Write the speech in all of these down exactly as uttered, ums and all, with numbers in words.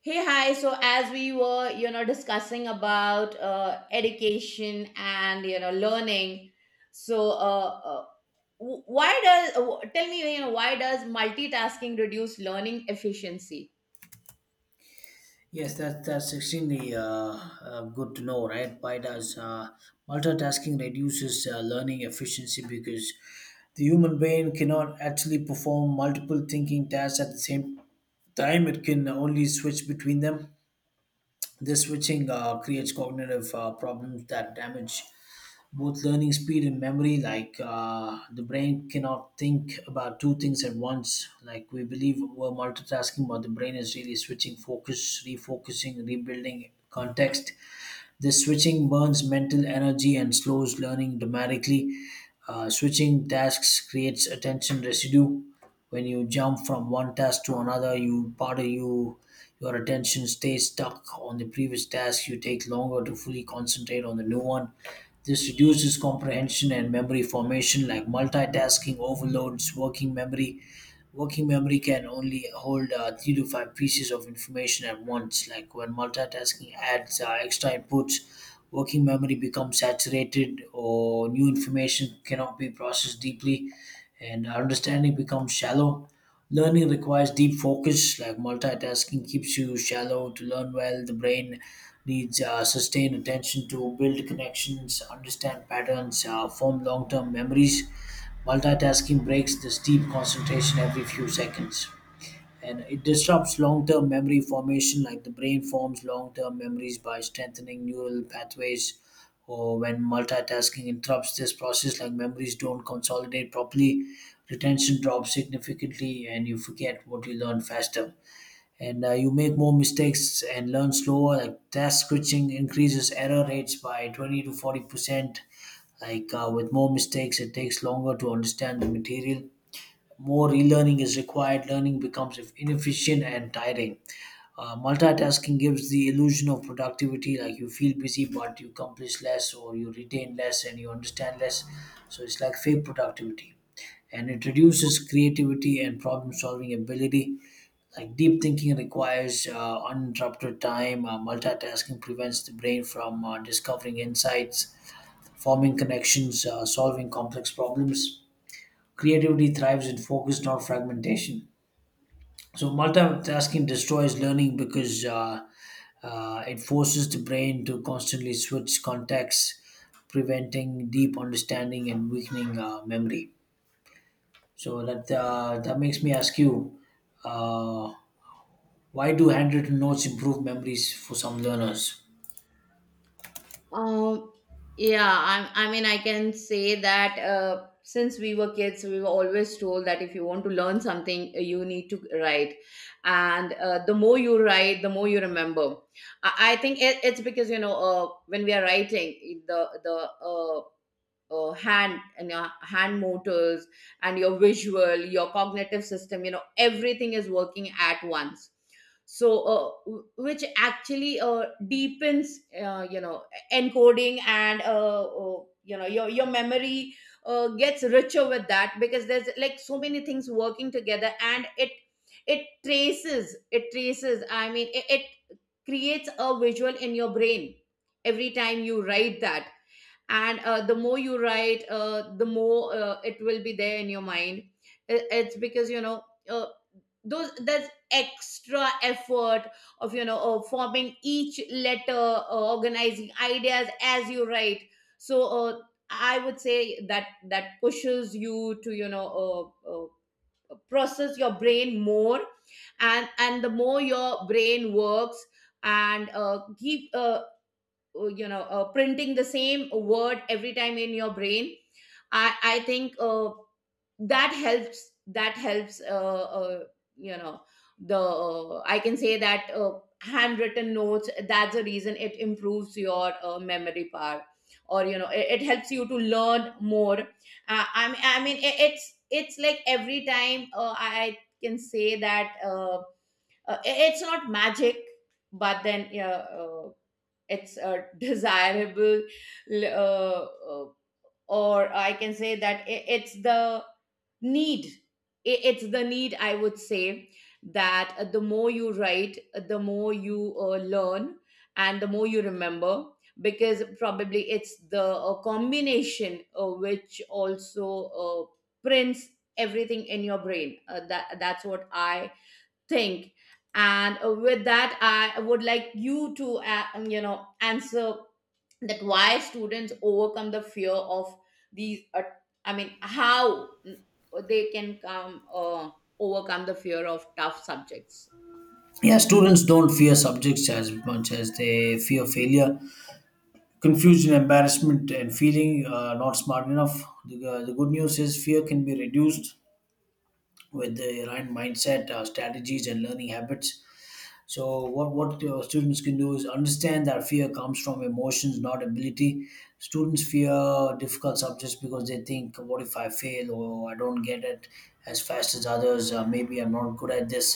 Hey, hi. So as we were, you know, discussing about uh, education and you know learning, so uh, uh, w- why does w- tell me you know why does multitasking reduce learning efficiency? Yes, that, that's extremely uh, uh, good to know, right? Why does uh, multitasking reduces uh, learning efficiency? Because the human brain cannot actually perform multiple thinking tasks at the same time. It can only switch between them. This switching uh, creates cognitive uh, problems that damage both learning speed and memory. Like uh, the brain cannot think about two things at once. Like we believe we're multitasking, but the brain is really switching focus, refocusing, rebuilding context. This switching burns mental energy and slows learning dramatically. Uh, switching tasks creates attention residue. When you jump from one task to another, you part of you your attention stays stuck on the previous task. You take longer to fully concentrate on the new one. This reduces comprehension and memory formation, like multitasking overloads working memory. Working memory can only hold uh, three to five pieces of information at once. Like when multitasking adds uh, extra inputs, working memory becomes saturated, or new information cannot be processed deeply and our understanding becomes shallow. Learning requires deep focus, like multitasking keeps you shallow. To learn well, the brain needs uh, sustained attention to build connections, understand patterns, uh, form long term memories. Multitasking breaks this deep concentration every few seconds, and it disrupts long term memory formation. Like the brain forms long term memories by strengthening neural pathways. Or when multitasking interrupts this process, like memories don't consolidate properly, retention drops significantly, and you forget what you learned faster, and uh, you make more mistakes and learn slower. Like task switching increases error rates by twenty to forty percent. Like uh, with more mistakes, it takes longer to understand the material. More relearning is required. Learning becomes inefficient and tiring. Uh, multitasking gives the illusion of productivity. Like you feel busy, but you accomplish less, or you retain less, and you understand less. So it's like fake productivity, and it reduces creativity and problem solving ability. Like deep thinking requires uh, uninterrupted time. Uh, multitasking prevents the brain from uh, discovering insights, forming connections, uh, solving complex problems. Creativity thrives in focus, not fragmentation. So multitasking destroys learning because uh, uh, it forces the brain to constantly switch contexts, preventing deep understanding and weakening uh, memory. So that uh, that makes me ask you, uh, why do handwritten notes improve memories for some learners? Um, yeah, I, I mean, I can say that uh, since we were kids, we were always told that if you want to learn something, uh, you need to write. And uh, the more you write, the more you remember. I, I think it, it's because, you know, uh, when we are writing, the, the, uh, uh, hand and your hand motors and your visual your cognitive system, you know, everything is working at once. So uh, w- which actually uh, deepens, uh, you know encoding, and uh, uh, you know your your memory uh, gets richer with that because there's like so many things working together, and it it traces it traces I mean it, it creates a visual in your brain every time you write that. And uh, the more you write, uh, the more uh, it will be there in your mind. I- it's because, you know uh, those that's extra effort of, you know uh, forming each letter, uh, organizing ideas as you write. So uh, I would say that that pushes you to, you know uh, uh, process your brain more. And and the more your brain works and uh, keep uh, uh, you know uh, printing the same word every time in your brain, i i think uh, that helps that helps, uh, uh, you know the uh, I can say that uh, handwritten notes, that's the reason it improves your uh, memory power, or you know it, it helps you to learn more. uh, i mean i mean it, it's it's like every time, uh, i I can say that, uh, uh, it- it's not magic, but then yeah, uh, it's a desirable, l- uh, uh, or I can say that i- it's the need. I- it's the need, I would say, that uh, the more you write, uh, the more you uh, learn and the more you remember, because probably it's the uh, combination uh, which also uh, prints everything in your brain. Uh, that that's what I think. And uh, with that I would like you to, uh, um, you know answer that, why students overcome the fear of these, uh, I mean how mm, they can come uh, overcome the fear of tough subjects. Yeah, students don't fear subjects as much as they fear failure, confusion, embarrassment, and feeling uh, not smart enough. The, uh, the good news is fear can be reduced with the right mindset, uh, strategies, and learning habits. So what what uh, students can do is understand that fear comes from emotions, not ability. Students fear difficult subjects because they think, "What if I fail, or I don't get it as fast as others? Uh, maybe I'm not good at this."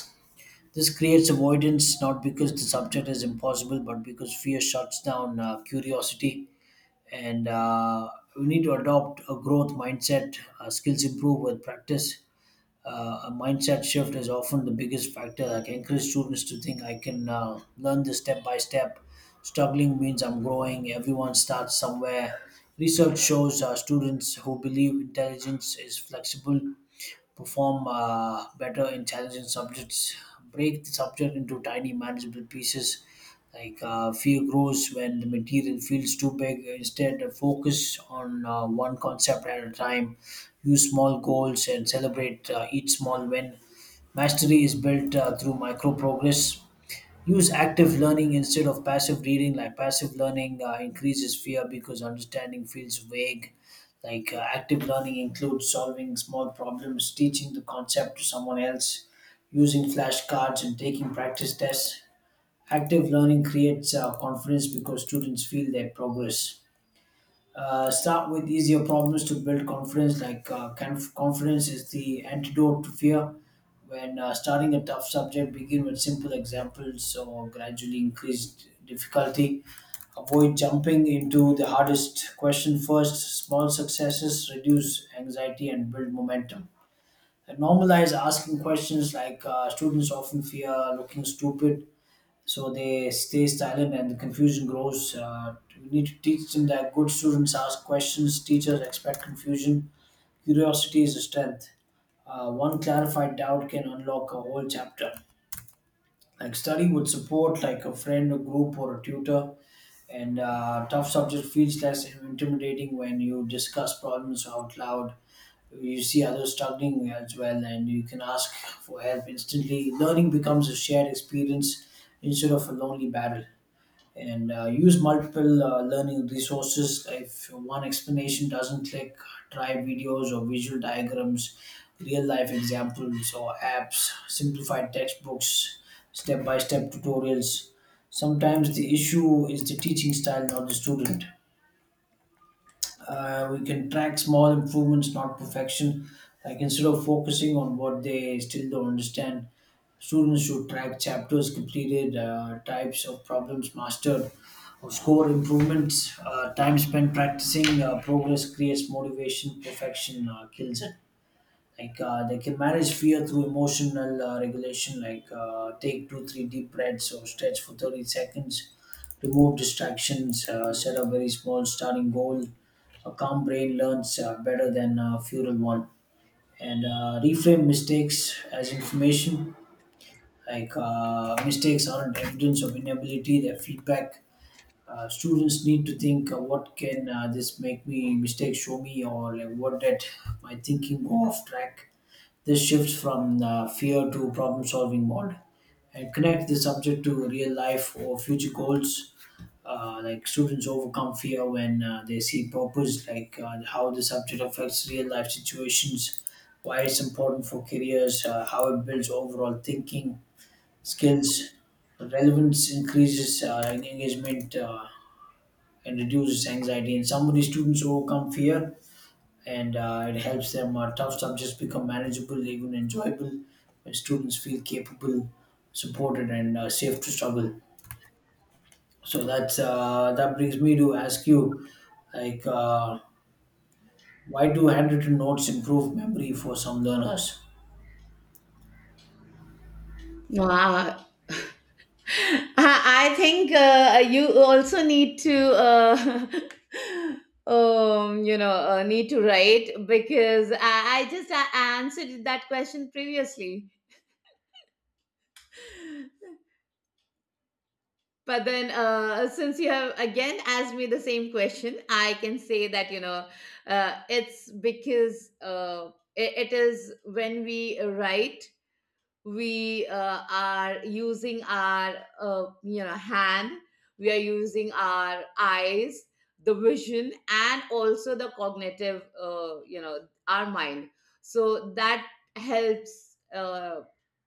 This creates avoidance, not because the subject is impossible, but because fear shuts down uh, curiosity. And uh, we need to adopt a growth mindset. Uh, skills improve with practice. Uh, a mindset shift is often the biggest factor. Like, encourage students to think, I can uh, learn this step by step. Struggling means I'm growing. Everyone starts somewhere. Research shows uh, students who believe intelligence is flexible perform uh, better in challenging subjects. Break the subject into tiny manageable pieces. Like uh, fear grows when the material feels too big. Instead, focus on uh, one concept at a time. Use small goals and celebrate uh, each small win. Mastery is built uh, through micro progress. Use active learning instead of passive reading. Like passive learning uh, increases fear because understanding feels vague. Like uh, active learning includes solving small problems, teaching the concept to someone else, using flashcards, and taking practice tests. Active learning creates uh, confidence because students feel their progress. Uh, start with easier problems to build confidence. Like uh, conf- confidence is the antidote to fear. When uh, starting a tough subject, begin with simple examples or gradually increased difficulty. Avoid jumping into the hardest question first. Small successes reduce anxiety and build momentum. And normalize asking questions. Like uh, students often fear looking stupid, so they stay silent and the confusion grows. Uh, we need to teach them that good students ask questions, teachers expect confusion, curiosity is a strength. Uh, one clarified doubt can unlock a whole chapter. Like study would support, like a friend, a group, or a tutor. And uh, tough subject feels less intimidating when you discuss problems out loud. You see others struggling as well, and you can ask for help instantly. Learning becomes a shared experience instead of a lonely battle. And uh, use multiple uh, learning resources. If one explanation doesn't click, try videos or visual diagrams, real life examples or apps, simplified textbooks, step by step tutorials. Sometimes the issue is the teaching style, not the student. Uh, we can track small improvements, not perfection. Like, instead of focusing on what they still don't understand, students should track chapters completed, uh, types of problems mastered, or score improvements. Uh, time spent practicing, uh, progress creates motivation. Perfection uh, kills it. Like uh, they can manage fear through emotional uh, regulation. Like uh, take two, three deep breaths or stretch for thirty seconds. Remove distractions. Uh, set a very small starting goal. A calm brain learns uh, better than a feral one. And uh, reframe mistakes as information. Like uh, mistakes aren't evidence of inability, they're feedback. Uh, students need to think, uh, what can uh, this make me mistake show me, or like what did my thinking go off track? This shifts from uh, fear to problem solving mode. And connect the subject to real life or future goals. Uh, like students overcome fear when uh, they see purpose. Like uh, how the subject affects real life situations, why it's important for careers, uh, how it builds overall thinking skills. Relevance increases uh, engagement, uh, and reduces anxiety. In some students overcome fear, and uh, it helps them. Uh, tough subjects become manageable, even enjoyable, when students feel capable, supported, and uh, safe to struggle. So that's uh, that brings me to ask you, like uh, why do handwritten notes improve memory for some learners? Wow. I, I think uh, you also need to, uh, um, you know, uh, need to write, because I, I just a- answered that question previously. But then, uh, since you have again asked me the same question, I can say that, you know, uh, it's because uh, it, it is when we write, we uh, are using our, uh, you know hand, we are using our eyes, the vision, and also the cognitive, uh, you know our mind. So that helps, uh,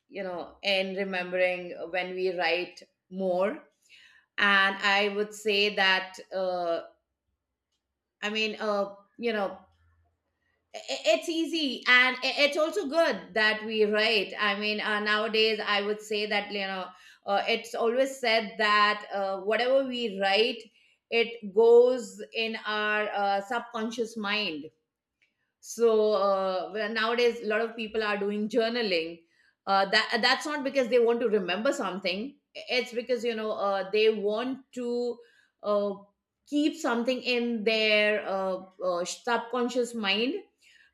you know in remembering, when we write more. And I would say that, uh, i mean uh, you know i- it's easy and i- it's also good that we write. I mean uh, nowadays, I would say that, you know uh, it's always said that uh, whatever we write, it goes in our uh, subconscious mind. So uh, well, nowadays, a lot of people are doing journaling. Uh, that uh, that's not because they want to remember something. It's because, you know uh, they want to, uh, keep something in their uh, uh, subconscious mind.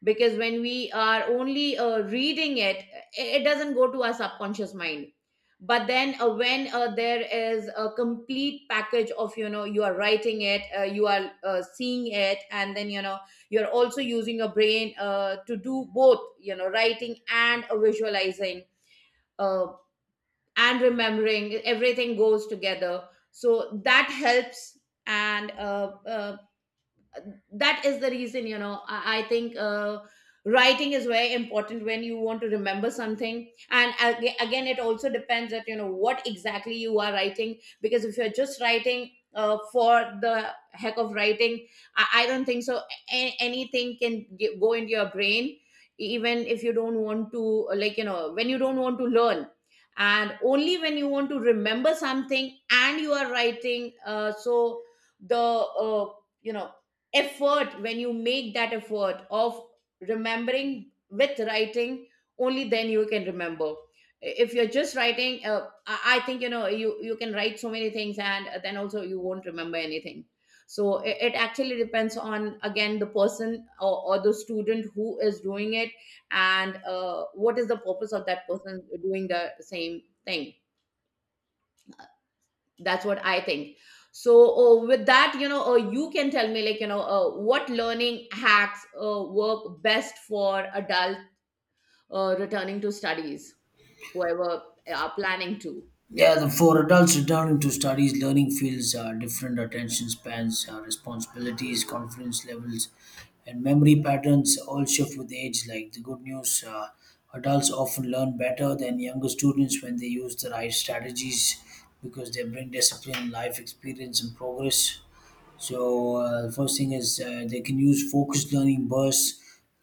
Because when we are only uh, reading it, it it doesn't go to our subconscious mind. But then, uh, when uh, there is a complete package of, you know, you are writing it, uh, you are uh, seeing it, and then, you know, you're also using your brain uh, to do both, you know, writing and uh, visualizing uh, and remembering. Everything goes together, so that helps. And uh, uh, that is the reason, you know, i, I think uh, writing is very important when you want to remember something. And aga- again, it also depends that, you know, what exactly you are writing, because if you're just writing uh, for the heck of writing, i, I don't think so a- anything can g- go into your brain, even if you don't want to, like, you know, when you don't want to learn. And only when you want to remember something and you are writing, uh, so the, uh, you know effort, when you make that effort of remembering with writing, only then you can remember. If you're just writing, uh, i I think, you know, you you can write so many things and then also you won't remember anything. So it, it actually depends on, again, the person, or, or the student who is doing it, and uh, what is the purpose of that person doing the same thing. That's what I think. So uh, with that, you know, uh, you can tell me, like, you know, uh, what learning hacks uh, work best for adult uh, returning to studies, whoever are planning to Yeah, the for adults returning to studies, learning fields, uh, different attention spans, uh, responsibilities, confidence levels, and memory patterns all shift with age. Like the good news, uh, adults often learn better than younger students when they use the right strategies, because they bring discipline, life experience, and progress. So uh, first thing is uh, they can use focused learning bursts,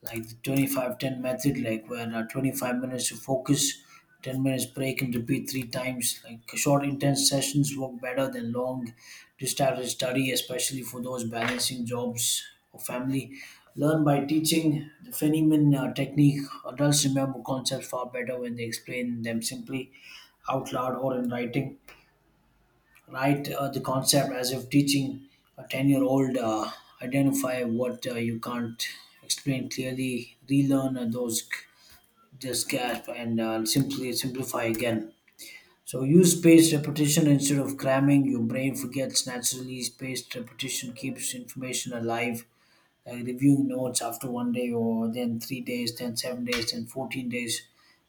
like the twenty-five ten method, like where uh, twenty-five minutes of focus, ten minutes break, and repeat three times. Like short intense sessions work better than long distracted study, especially for those balancing jobs or family. Learn by teaching, the Feynman uh, technique. Adults remember concepts far better when they explain them simply out loud or in writing, right? Uh, the concept as if teaching a ten year old. Uh, identify what uh, you can't explain clearly, relearn uh, those, just gasp and uh, simply simplify again. So use spaced repetition instead of cramming. Your brain forgets naturally. Spaced repetition keeps information alive. Like reviewing notes after one day, or then three days, then seven days, then fourteen days.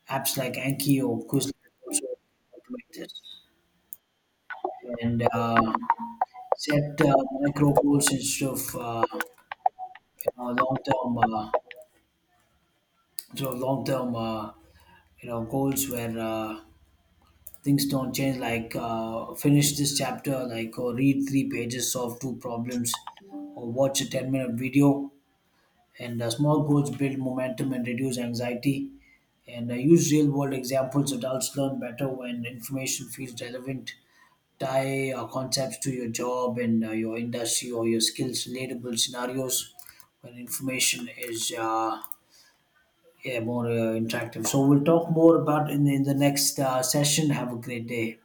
Apps like Anki or Quizlet also automate this. And uh, set uh, micro goals instead of uh, you know long term uh, instead of long term uh, you know goals where uh, things don't change. Like uh, finish this chapter, like, or read three pages, solve two problems, or watch a ten minute video. And uh, small goals build momentum and reduce anxiety. And uh, use real world examples. Adults learn better when information feels relevant. Tie uh, concepts to your job and uh, your industry or your skills, relatable scenarios. When information is uh, yeah, more uh, interactive. So we'll talk more about in, in the next uh, session. Have a great day.